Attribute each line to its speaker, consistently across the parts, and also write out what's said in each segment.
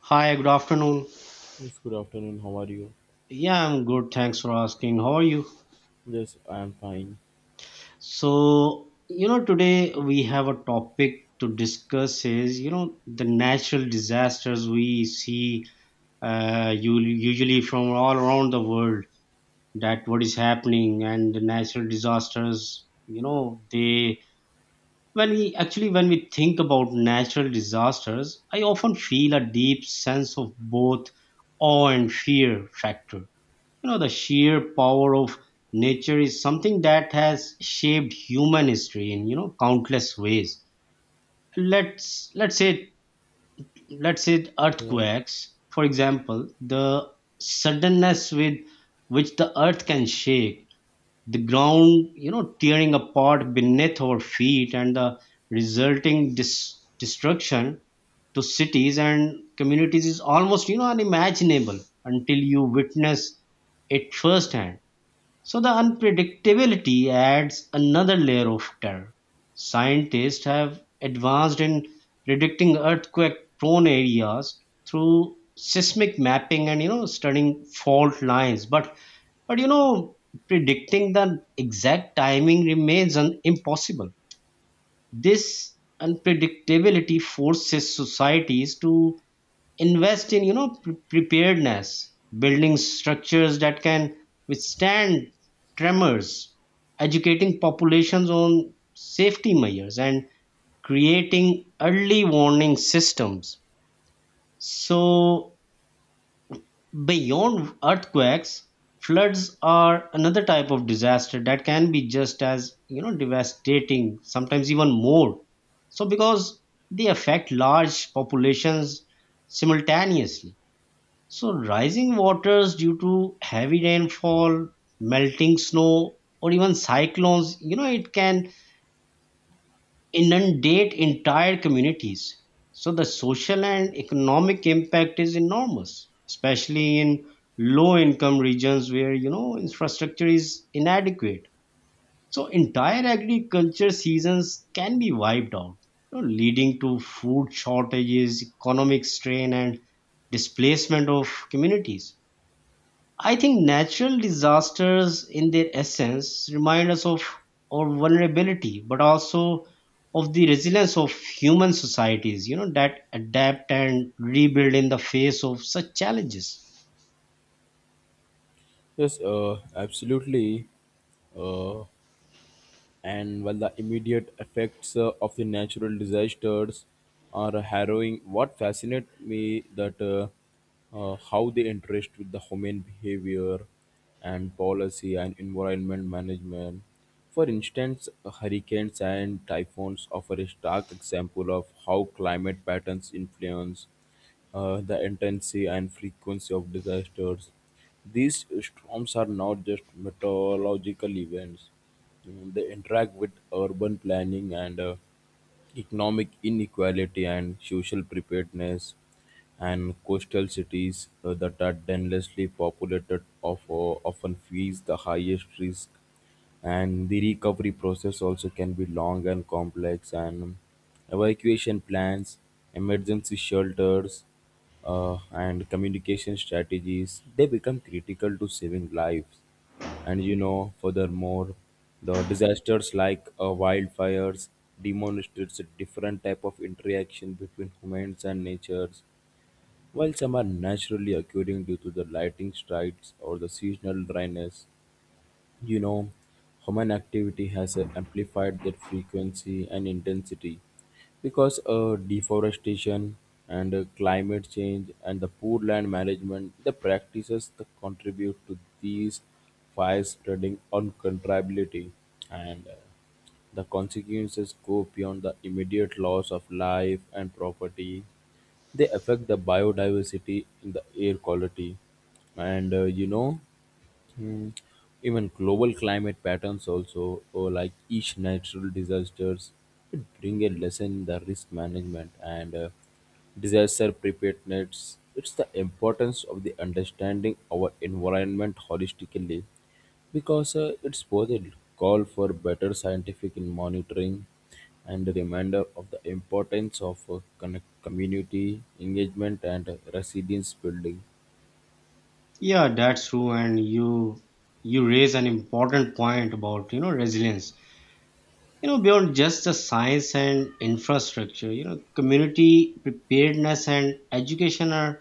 Speaker 1: Hi, good afternoon.
Speaker 2: Yes, good afternoon. How are you?
Speaker 1: Yeah, I'm good. Thanks for asking. How are you?
Speaker 2: Yes, I am fine.
Speaker 1: So, today we have a topic to discuss is, the natural disasters we see usually from all around the world, that what is happening. And the natural disasters, you know, they when we think about natural disasters, I often feel a deep sense of both awe and fear factor. The sheer power of nature is something that has shaped human history in countless ways. Let's let's say let's say
Speaker 2: Yeah.
Speaker 1: earthquakes, for example. The suddenness with which the earth can shake, the ground tearing apart beneath our feet, and the resulting destruction to cities and communities is almost unimaginable until you witness it firsthand. So the unpredictability adds another layer of terror. Scientists have advanced in predicting earthquake prone areas through seismic mapping and studying fault lines, but but you know predicting the exact timing remains impossible. This unpredictability forces societies to invest in preparedness, building structures that can withstand tremors, educating populations on safety measures, and creating early warning systems. So beyond earthquakes, floods are another type of disaster that can be just as devastating, sometimes even more so, because they affect large populations simultaneously. So, rising waters due to heavy rainfall, melting snow, or even cyclones, it can inundate entire communities. So, the social and economic impact is enormous, especially in low income regions where, infrastructure is inadequate. So, entire agriculture seasons can be wiped out, leading to food shortages, economic strain, and displacement of communities. I think natural disasters, in their essence, remind us of our vulnerability, but also of the resilience of human societies, that adapt and rebuild in the face of such challenges.
Speaker 2: Yes, absolutely. Uh, and while the immediate effects of the natural disasters are harrowing, what fascinates me that how they interest with the human behavior and policy and environment management. For instance, hurricanes and typhoons offer a stark example of how climate patterns influence the intensity and frequency of disasters. These storms are not just meteorological events. Mm, they interact with urban planning and economic inequality and social preparedness, and coastal cities that are densely populated of, often face the highest risk, and the recovery process also can be long and complex, and evacuation plans, emergency shelters, and communication strategies, they become critical to saving lives. And you know, furthermore, the disasters like wildfires demonstrates a different type of interaction between humans and natures. While some are naturally occurring due to the lightning strikes or the seasonal dryness, you know, human activity has amplified their frequency and intensity. Because deforestation and climate change and the poor land management, the practices that contribute to these fire spreading uncontrollability, and the consequences go beyond the immediate loss of life and property. They affect the biodiversity in the air quality. And you know, Hmm. Even global climate patterns also, or like each natural disasters, it bring a lesson in the risk management and disaster preparedness. It's the importance of the understanding our environment holistically, because it's both a call for better scientific in monitoring and a reminder of the importance of community engagement and resilience building.
Speaker 1: Yeah, that's true, and you raise an important point about resilience. Beyond just the science and infrastructure, community preparedness and education are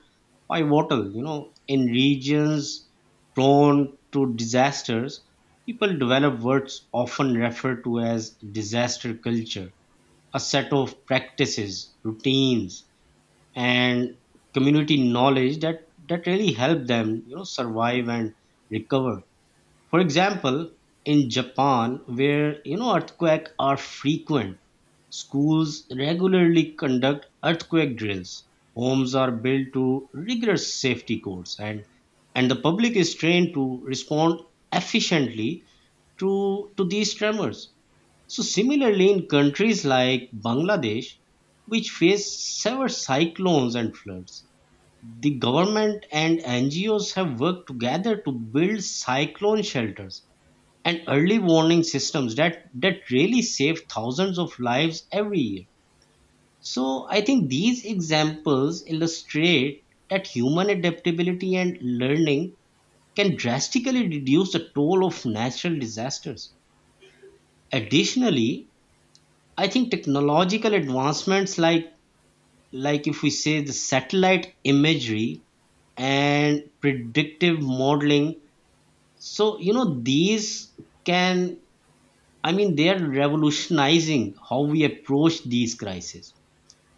Speaker 1: pivotal. In regions prone to disasters, people develop what's often referred to as disaster culture, a set of practices, routines, and community knowledge that really help them survive and recover. For example, in Japan, where earthquakes are frequent, schools regularly conduct earthquake drills. Homes are built to rigorous safety codes, and the public is trained to respond efficiently to these tremors. So similarly, in countries like Bangladesh, which face severe cyclones and floods, the government and NGOs have worked together to build cyclone shelters and early warning systems that really save thousands of lives every year. So I think these examples illustrate that human adaptability and learning can drastically reduce the toll of natural disasters. Additionally, I think technological advancements like if we say the satellite imagery and predictive modeling, so these can, I mean, they are revolutionizing how we approach these crises.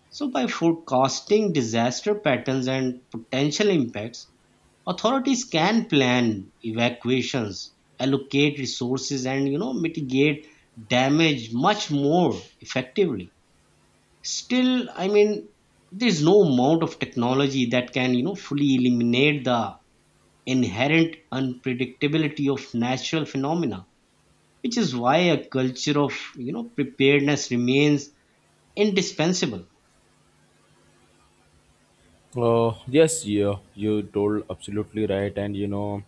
Speaker 1: So, by forecasting disaster patterns and potential impacts, authorities can plan evacuations, allocate resources, and mitigate damage much more effectively. Still, I mean, there's no amount of technology that can fully eliminate the inherent unpredictability of natural phenomena, which is why a culture of preparedness remains indispensable.
Speaker 2: Yes, yeah, you told absolutely right, and you know,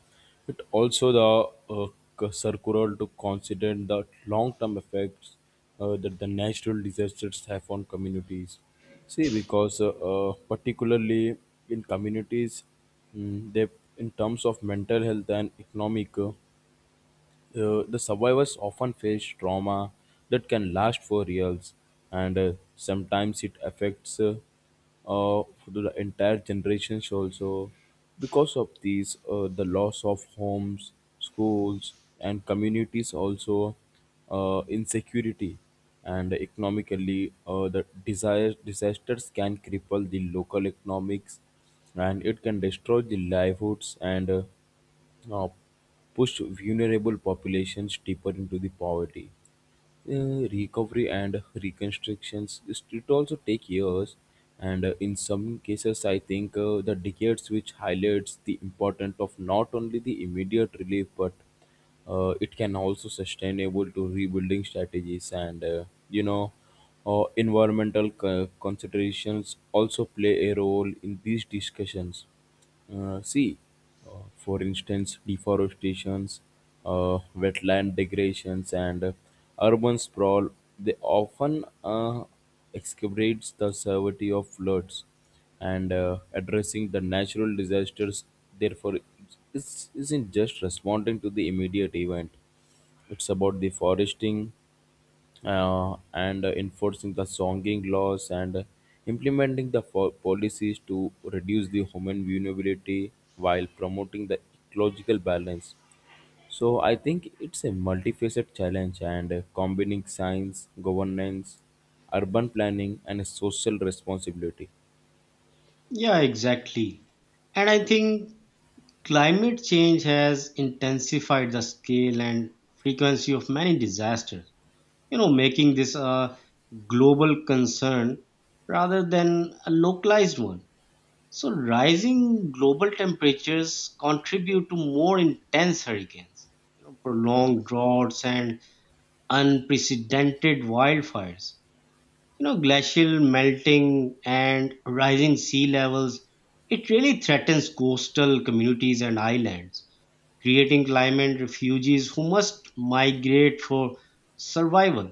Speaker 2: it also the circular to consider the long-term effects that the natural disasters have on communities. See, because particularly in communities, mm, they in terms of mental health and economic. The survivors often face trauma that can last for years, and sometimes it affects the entire generations also. Because of these, the loss of homes, schools, and communities also, insecurity, and economically, the desire disasters can cripple the local economics, and it can destroy the livelihoods and. Uh, push vulnerable populations deeper into the poverty. Recovery and reconstructions it also take years, and in some cases I think the decades, which highlights the importance of not only the immediate relief but it can also sustainable to rebuilding strategies, and you know, environmental considerations also play a role in these discussions. See, for instance, deforestations, wetland degradations, and urban sprawl, they often exacerbates the severity of floods, and addressing the natural disasters, therefore, isn't just responding to the immediate event, it's about the foresting and enforcing the songing laws, and implementing the policies to reduce the human vulnerability while promoting the ecological balance. So I think it's a multifaceted challenge, and combining science, governance, urban planning, and social responsibility.
Speaker 1: Yeah, exactly, and I think climate change has intensified the scale and frequency of many disasters, making this a global concern rather than a localized one. So rising global temperatures contribute to more intense hurricanes, prolonged droughts, and unprecedented wildfires. Glacial melting and rising sea levels, it really threatens coastal communities and islands, creating climate refugees who must migrate for survival.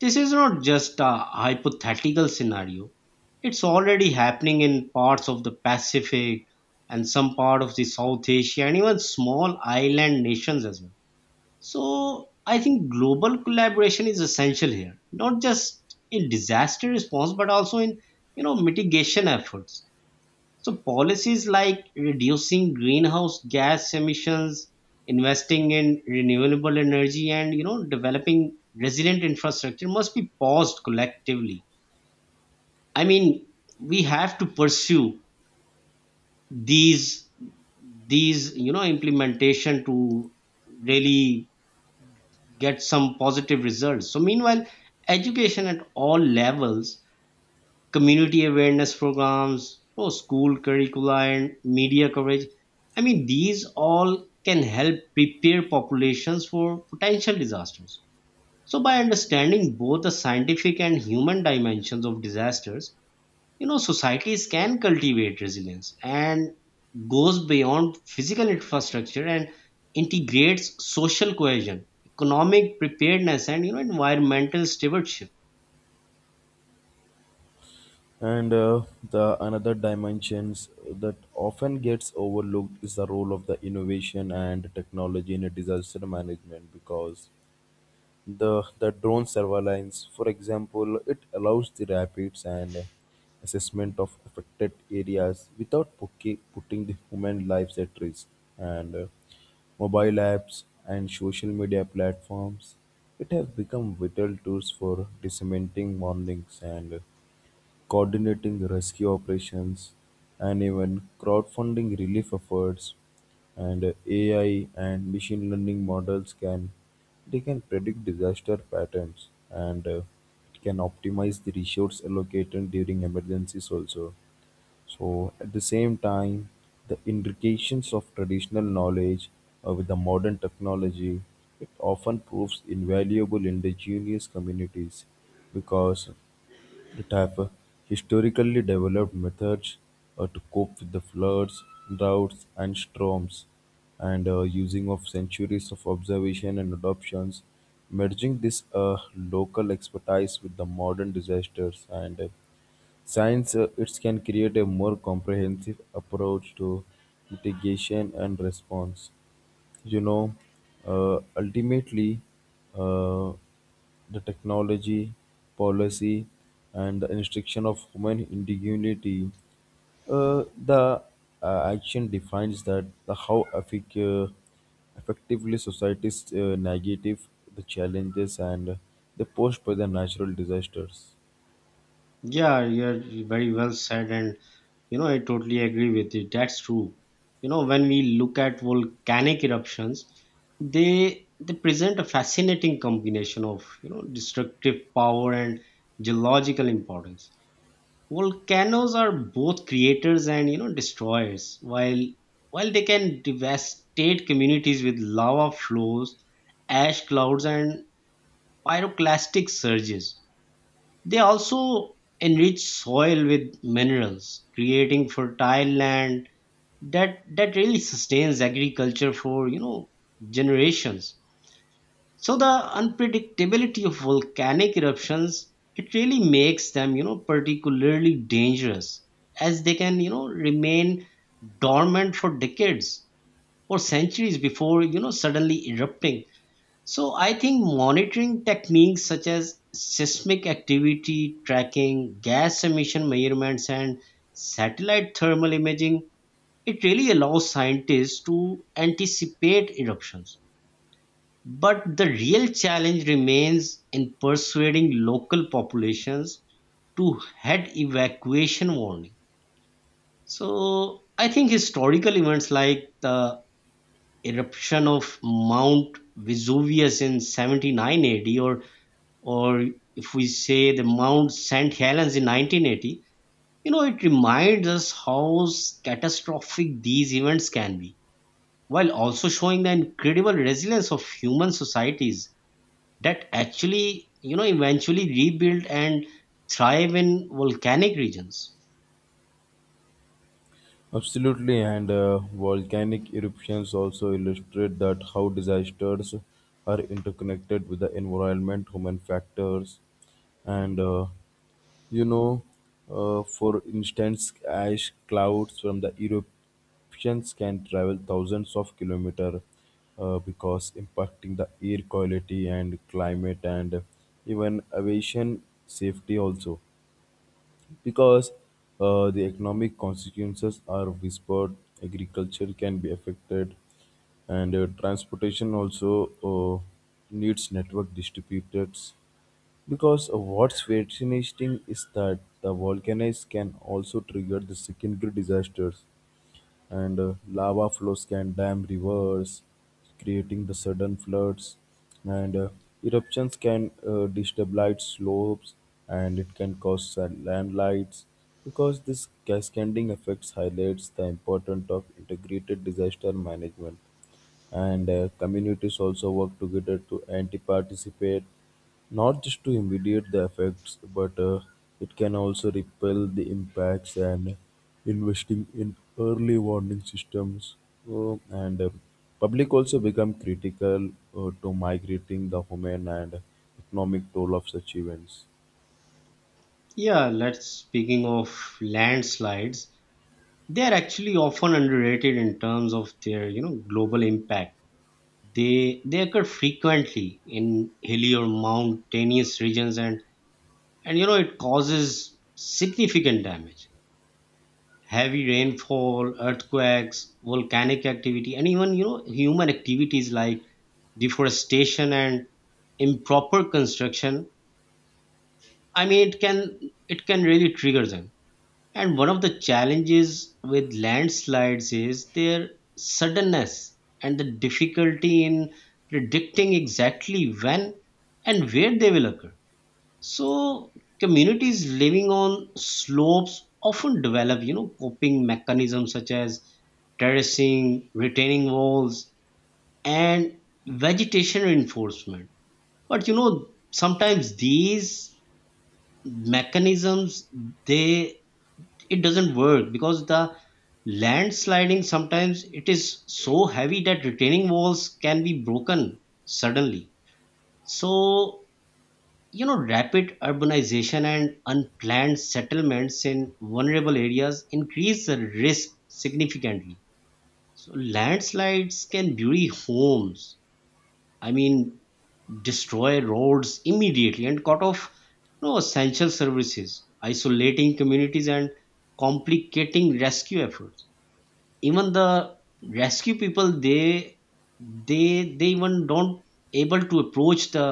Speaker 1: This is not just a hypothetical scenario, it's already happening in parts of the Pacific and some part of the South Asia and even small island nations as well. So I think global collaboration is essential here, not just in disaster response, but also in mitigation efforts. So policies like reducing greenhouse gas emissions, investing in renewable energy, and developing resilient infrastructure must be paused collectively. I mean, we have to pursue these these implementation to really get some positive results. So meanwhile, education at all levels, community awareness programs, oh, school curricula and media coverage, I mean these all can help prepare populations for potential disasters. So by understanding both the scientific and human dimensions of disasters, societies can cultivate resilience and goes beyond physical infrastructure and integrates social cohesion, economic preparedness, and environmental stewardship.
Speaker 2: And the another dimensions that often gets overlooked is the role of the innovation and technology in a disaster management, because the drone surveillance, for example, it allows the rapids and assessment of affected areas without putting the human lives at risk. And mobile apps and social media platforms, it have become vital tools for disseminating warnings and coordinating rescue operations, and even crowdfunding relief efforts. And AI and machine learning models can, they can predict disaster patterns, and it can optimize the resource allocated during emergencies also. So at the same time, the intrications of traditional knowledge with the modern technology, it often proves invaluable indigenous communities, because it type historically developed methods to cope with the floods, droughts, and storms, and using of centuries of observation and adoptions, merging this local expertise with the modern disasters and science. It can create a more comprehensive approach to mitigation and response. You know, ultimately uh, the technology, policy, and the instruction of human indignity, the action defines that the how effectively societies negative the challenges and they posed by the natural disasters.
Speaker 1: Yeah, you're very well said, and I totally agree with you. That's true. You know, when we look at volcanic eruptions, they they present a fascinating combination of destructive power and geological importance. Volcanoes are both creators and destroyers. While they can devastate communities with lava flows, ash clouds, and pyroclastic surges, they also enrich soil with minerals, creating fertile land that really sustains agriculture for generations. So the unpredictability of volcanic eruptions, it really makes them particularly dangerous, as they can remain dormant for decades or centuries before suddenly erupting. So I think monitoring techniques such as seismic activity tracking, gas emission measurements, and satellite thermal imaging, it really allows scientists to anticipate eruptions, but the real challenge remains in persuading local populations to heed evacuation warning. So I think historical events like the eruption of Mount Vesuvius in 79 AD, or if we say the Mount St. Helens in 1980, it reminds us how catastrophic these events can be, while also showing the incredible resilience of human societies that actually, eventually rebuild and thrive in volcanic regions.
Speaker 2: Absolutely, and volcanic eruptions also illustrate that how disasters are interconnected with the environment, human factors, and you know, for instance, ash clouds from the eruptions can travel thousands of kilometers, because impacting the air quality and climate and even aviation safety also. Because the economic consequences are whispered, agriculture can be affected, and transportation also needs network distributors. Because what's fascinating is that the volcanoes can also trigger the secondary disasters, and lava flows can dam rivers, creating the sudden floods, and eruptions can destabilize slopes, and it can cause landslides. Because this cascading effects highlights the importance of integrated disaster management, and communities also work together to anti-participate not just to immediate the effects, but it can also repel the impacts, and investing in early warning systems and public also become critical to migrating the human and economic toll of such events.
Speaker 1: Yeah, let's speaking of landslides, they are actually often underrated in terms of their, global impact. They occur frequently in hilly or mountainous regions, and it causes significant damage. Heavy rainfall, earthquakes, volcanic activity, and even human activities like deforestation and improper construction. I mean, it can really trigger them. And one of the challenges with landslides is their suddenness and the difficulty in predicting exactly when and where they will occur. So communities living on slopes often develop, coping mechanisms such as terracing, retaining walls, and vegetation reinforcement. But sometimes these mechanisms, they it doesn't work, because the landsliding sometimes it is so heavy that retaining walls can be broken suddenly. So rapid urbanization and unplanned settlements in vulnerable areas increase the risk significantly. So landslides can bury homes, I mean, destroy roads immediately and cut off essential services, isolating communities and complicating rescue efforts. Even the rescue people, they even don't able to approach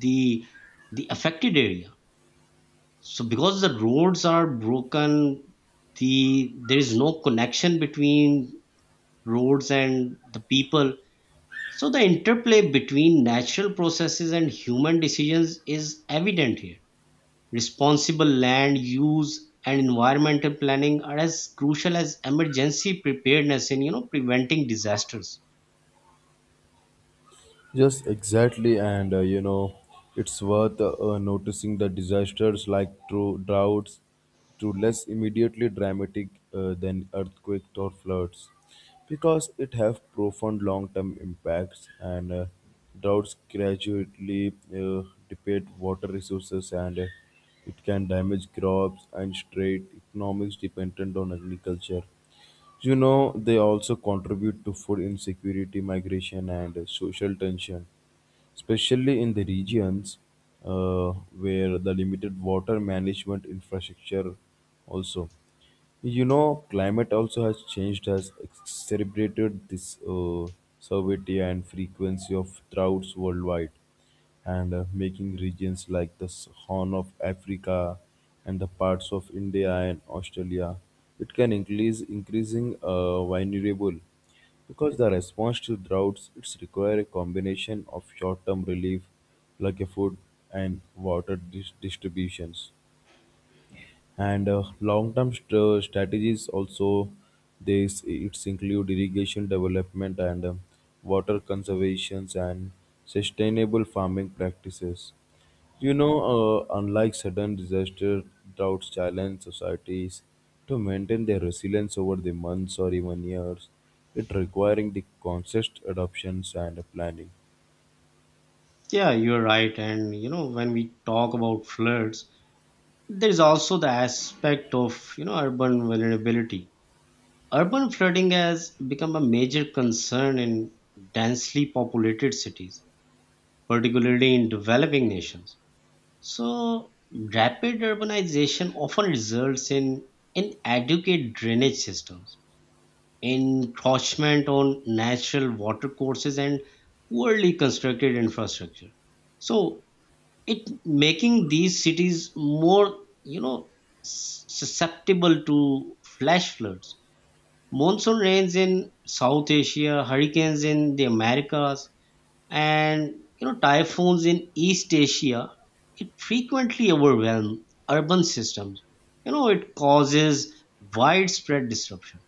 Speaker 1: the the affected area. So because the roads are broken, there is no connection between roads and the people. So the interplay between natural processes and human decisions is evident here. Responsible land use and environmental planning are as crucial as emergency preparedness in preventing disasters.
Speaker 2: Yes, exactly, and you know, it's worth noticing the disasters like true droughts, to less immediately dramatic than earthquakes or floods, because it have profound long-term impacts. And droughts gradually deplete water resources, and it can damage crops and strait economics dependent on agriculture. You know, they also contribute to food insecurity, migration, and social tension, especially in the regions uh, where the limited water management infrastructure also. You know, climate also has changed, has exacerbated this severity and frequency of droughts worldwide, and making regions like the Horn of Africa and the parts of India and Australia, it can increase increasing vulnerable, because the response to droughts, it's require a combination of short-term relief, like a food and water distributions, and long-term strategies also. This it's include irrigation development and water conservations and sustainable farming practices. You know, unlike sudden disaster, droughts challenge societies to maintain their resilience over the months or even years, it requiring the conscious adoptions and planning.
Speaker 1: Yeah, you're right. And when we talk about floods, there is also the aspect of urban vulnerability. Urban flooding has become a major concern in densely populated cities, particularly in developing nations. So, rapid urbanization often results in inadequate drainage systems, encroachment on natural water courses, and poorly constructed infrastructure. So, it making these cities more, you know, susceptible to flash floods. Monsoon rains in South Asia, hurricanes in the Americas, and typhoons in East Asia, it frequently overwhelms urban systems. You know, it causes widespread disruption.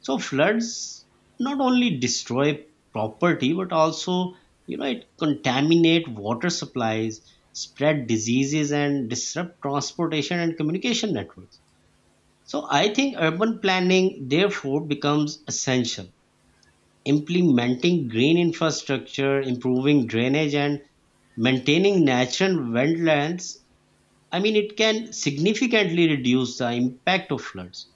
Speaker 1: So floods not only destroy property but also it contaminate water supplies, spread diseases, and disrupt transportation and communication networks. So I think urban planning therefore becomes essential. Implementing green infrastructure, improving drainage, and maintaining natural wetlands, I mean it can significantly reduce the impact of floods.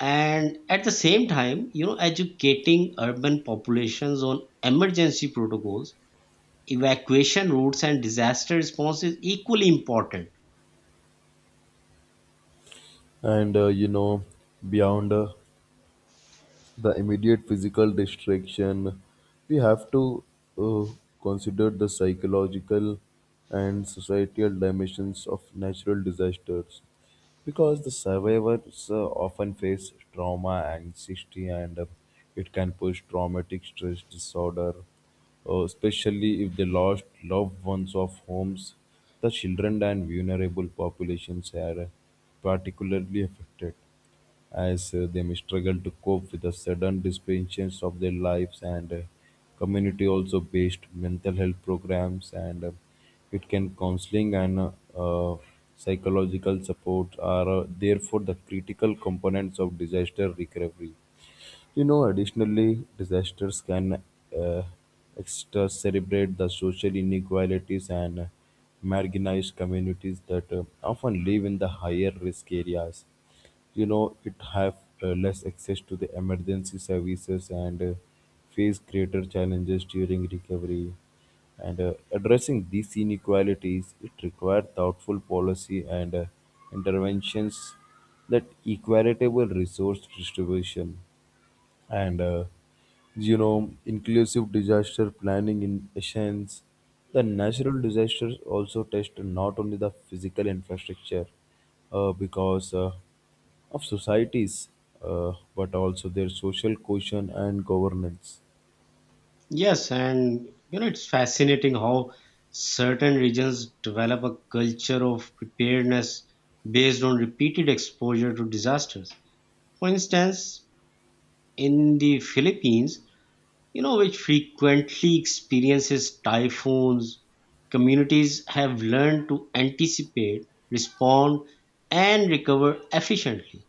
Speaker 1: And at the same time, educating urban populations on emergency protocols, evacuation routes, and disaster response is equally important.
Speaker 2: And You know, beyond the immediate physical distraction, we have to uh, consider the psychological and societal dimensions of natural disasters, because the survivors often face trauma anxiety, and it can push traumatic stress disorder, especially if they lost loved ones of homes. The children and vulnerable populations are particularly affected, as they may struggle to cope with the sudden disruptions of their lives, and community also based mental health programs, and it can counseling, and uh, psychological support are therefore the critical components of disaster recovery. You know, additionally, disasters can uh, exacerbate the social inequalities, and marginalized communities that often live in the higher risk areas. You know, it have less access to the emergency services, and face greater challenges during recovery. And addressing these inequalities, it requires thoughtful policy and interventions that equitable resource distribution and you know, inclusive disaster planning. In essence, the natural disasters also test not only the physical infrastructure because of societies but also their social cohesion and governance.
Speaker 1: Yes, and it's fascinating how certain regions develop a culture of preparedness based on repeated exposure to disasters. For instance, in the Philippines, which frequently experiences typhoons, communities have learned to anticipate, respond, and recover efficiently.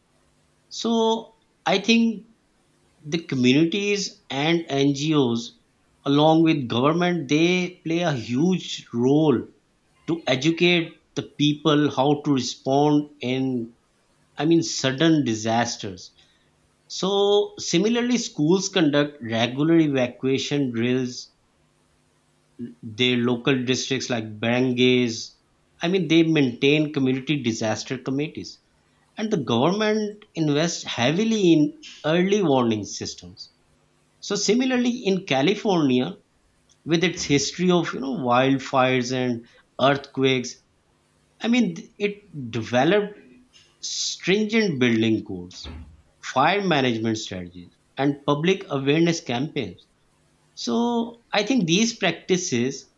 Speaker 1: So, I think the communities and NGOs, along with government, they play a huge role to educate the people how to respond in, I mean, sudden disasters. So similarly, schools conduct regular evacuation drills. Their local districts, like barangays, I mean, they maintain community disaster committees, and the government invests heavily in early warning systems. So similarly, in California, with its history of wildfires and earthquakes, I mean it developed stringent building codes, fire management strategies, and public awareness campaigns. So I think these practices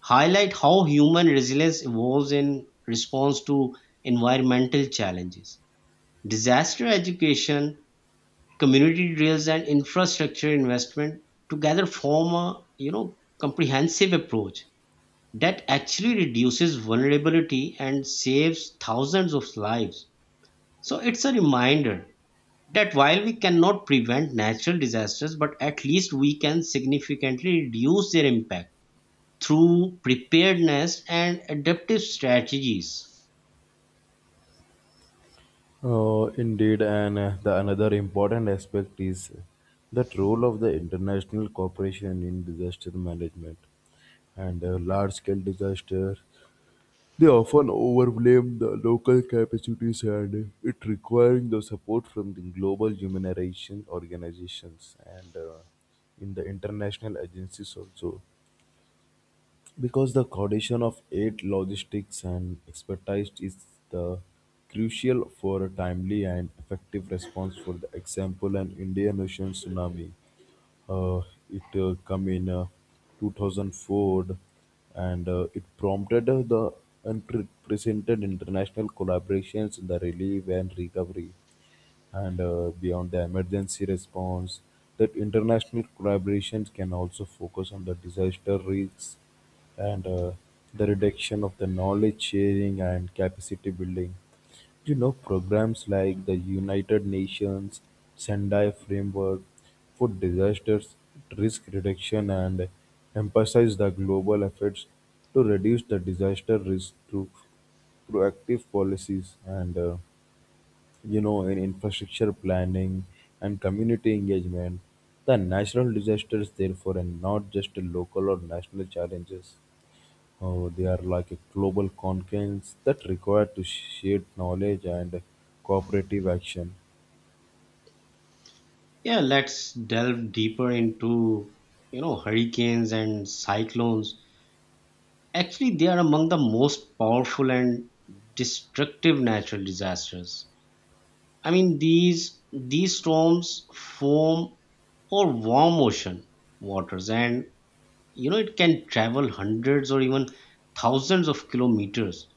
Speaker 1: highlight how human resilience evolves in response to environmental challenges. Disaster education, community drills, and infrastructure investment together form a comprehensive approach that actually reduces vulnerability and saves thousands of lives. So it's a reminder that while we cannot prevent natural disasters, but at least we can significantly reduce their impact through preparedness and adaptive strategies.
Speaker 2: Indeed, and the another important aspect is that role of the international cooperation in disaster management, and large scale disaster, they often overblame the local capacities, and it requiring the support from the global humanitarian organizations and in the international agencies also. Because the coordination of aid logistics and expertise is the crucial for a timely and effective response. For the example, an Indian Ocean tsunami. Uh, it come in 2004, and it prompted the unprecedented international collaborations in the relief and recovery. And beyond the emergency response, that international collaborations can also focus on the disaster risks and the reduction of the knowledge sharing and capacity building. You know, programs like the United Nations Sendai Framework for Disasters Risk Reduction and emphasize the global efforts to reduce the disaster risk through proactive policies, and you know, in infrastructure planning and community engagement, the natural disasters, therefore, and not just a local or national challenges. Oh, they are like a global concerns that require to shared knowledge and cooperative action.
Speaker 1: Yeah, let's delve deeper into hurricanes and cyclones. Actually, they are among the most powerful and destructive natural disasters. I mean, these storms form or warm ocean waters, and it can travel hundreds or even thousands of kilometers,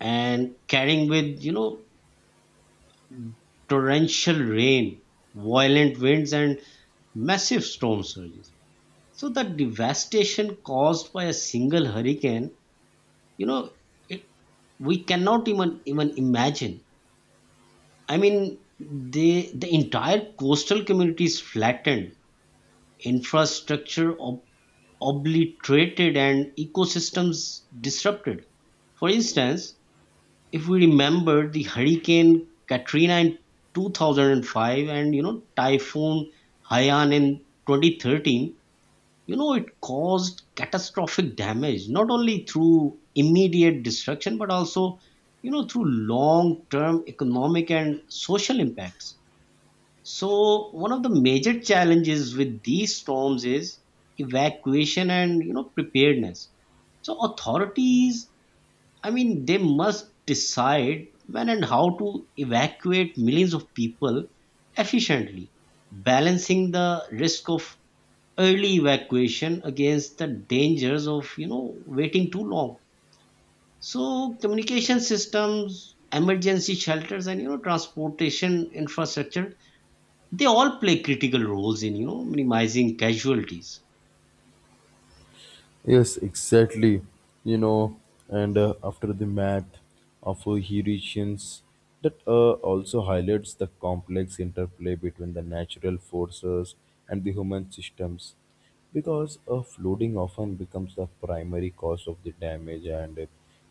Speaker 1: and carrying with torrential rain, violent winds, and massive storm surges. So the devastation caused by a single hurricane, you know, it, we cannot even imagine. I mean, the entire coastal community is flattened, infrastructure obliterated, and ecosystems disrupted. For instance, if we remember the Hurricane Katrina in 2005, and Typhoon Haiyan in 2013, it caused catastrophic damage not only through immediate destruction but also through long term economic and social impacts. So one of the major challenges with these storms is evacuation and preparedness. So authorities, I mean, they must decide when and how to evacuate millions of people efficiently, balancing the risk of early evacuation against the dangers of waiting too long. So communication systems, emergency shelters, and transportation infrastructure, they all play critical roles in minimizing casualties.
Speaker 2: Yes, exactly. You know, and after the math of Eurasians, that also highlights the complex interplay between the natural forces and the human systems, because flooding often becomes the primary cause of the damage, and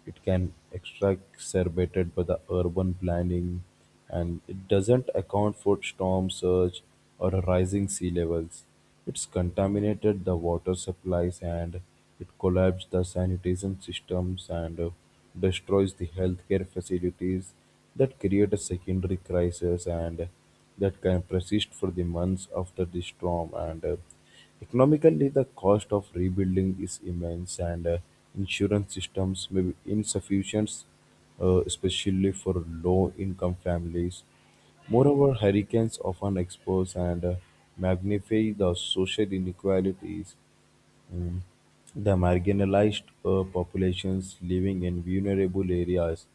Speaker 2: it can exacerbated by the urban planning, and it doesn't account for storm surge or rising sea levels. It's contaminated the water supplies, and it collapsed the sanitation systems, and destroys the healthcare facilities that create a secondary crisis, and that can persist for the months after the storm. And Economically, the cost of rebuilding is immense, and insurance systems may be insufficient, especially for low-income families. Moreover, hurricanes often expose and magnify the social inequalities. um, the marginalized populations living in vulnerable areas,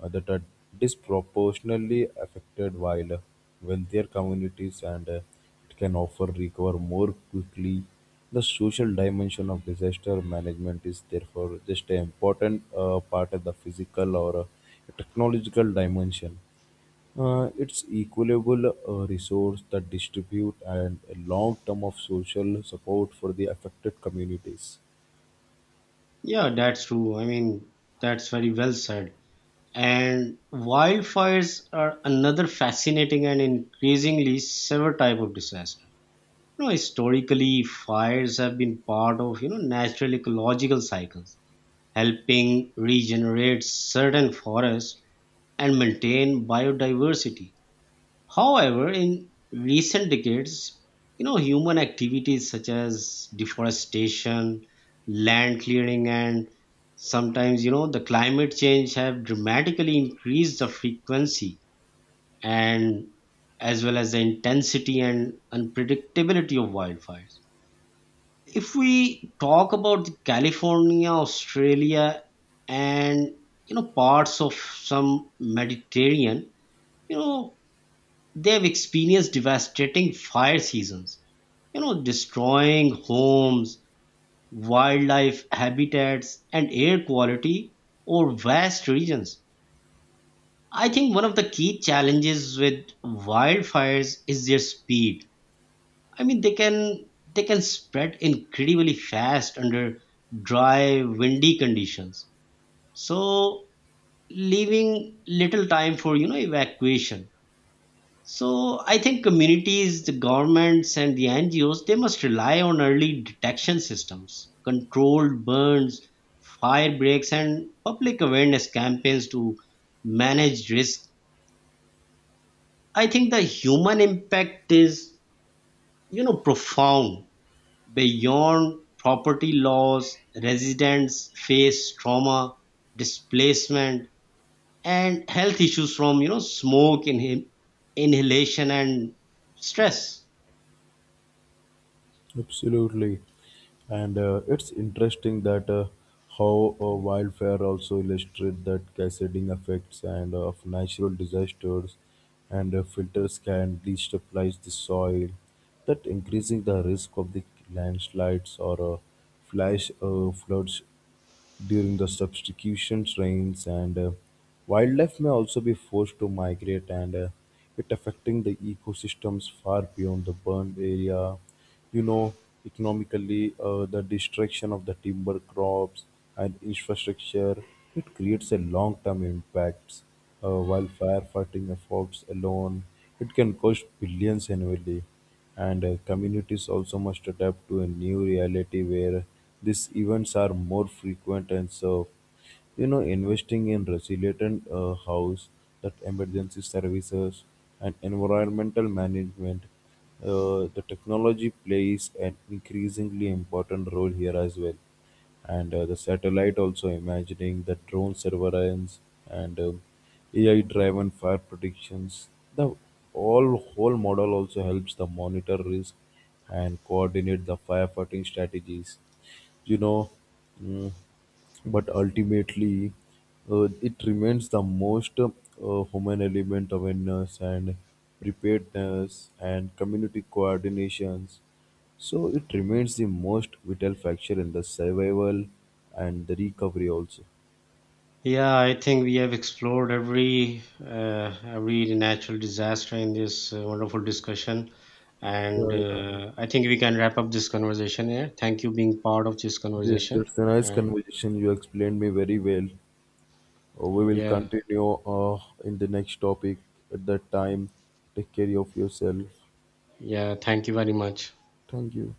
Speaker 2: that are disproportionately affected, while wealthier communities, and it can offer recover more quickly. The social dimension of disaster management is therefore just an important part of the physical or technological dimension. It's equitable resource that distribute, and a long term of social support for the affected communities.
Speaker 1: Yeah, that's true. I mean, that's very well said. And wildfires are another fascinating and increasingly severe type of disaster. Historically, fires have been part of natural ecological cycles, helping regenerate certain forests and maintain biodiversity. However, in recent decades, human activities such as deforestation, land clearing, and sometimes, the climate change have dramatically increased the frequency and as well as the intensity and unpredictability of wildfires. If we talk about the California, Australia, and parts of some Mediterranean, you know they've experienced devastating fire seasons, destroying homes, wildlife habitats, and air quality over vast regions. I think one of the key challenges with wildfires is their speed. I mean, they can spread incredibly fast under dry, windy conditions. So leaving little time for evacuation. So I think communities, the governments, and the NGOs, they must rely on early detection systems, controlled burns, fire breaks, and public awareness campaigns to manage risk. I think the human impact is profound. Beyond property laws, residents face trauma, displacement, and health issues from smoke inhalation and stress.
Speaker 2: Absolutely, and it's interesting that how wildfire also illustrate that cascading effects, and of natural disasters, and filters can destabilize the soil, that increasing the risk of the landslides or flash floods during the substitution rains, and wildlife may also be forced to migrate, and it affecting the ecosystems far beyond the burned area. You know, economically, the destruction of the timber crops and infrastructure, it creates a long-term impacts, while firefighting efforts alone, it can cost billions annually, and communities also must adapt to a new reality where these events are more frequent. And so, you know, investing in resilient house, that emergency services and environmental management, the technology plays an increasingly important role here as well. And the satellite also imagining the drone surveillance, and AI driven fire predictions. The all whole model also helps the monitor risk and coordinate the firefighting strategies. You know, mm, but ultimately, it remains the most human element awareness and preparedness and community coordinations. So it remains the most vital factor in the survival and the recovery also.
Speaker 1: Yeah, I think we have explored every natural disaster in this wonderful discussion, and I think we can wrap up this conversation here. Thank you being part of this
Speaker 2: Yes,
Speaker 1: conversation,
Speaker 2: that's a nice
Speaker 1: and
Speaker 2: conversation. You explained me very well. We will
Speaker 1: yeah,
Speaker 2: continue in the next topic at that time. Take care of yourself.
Speaker 1: yeah, thank you very much.
Speaker 2: Thank you.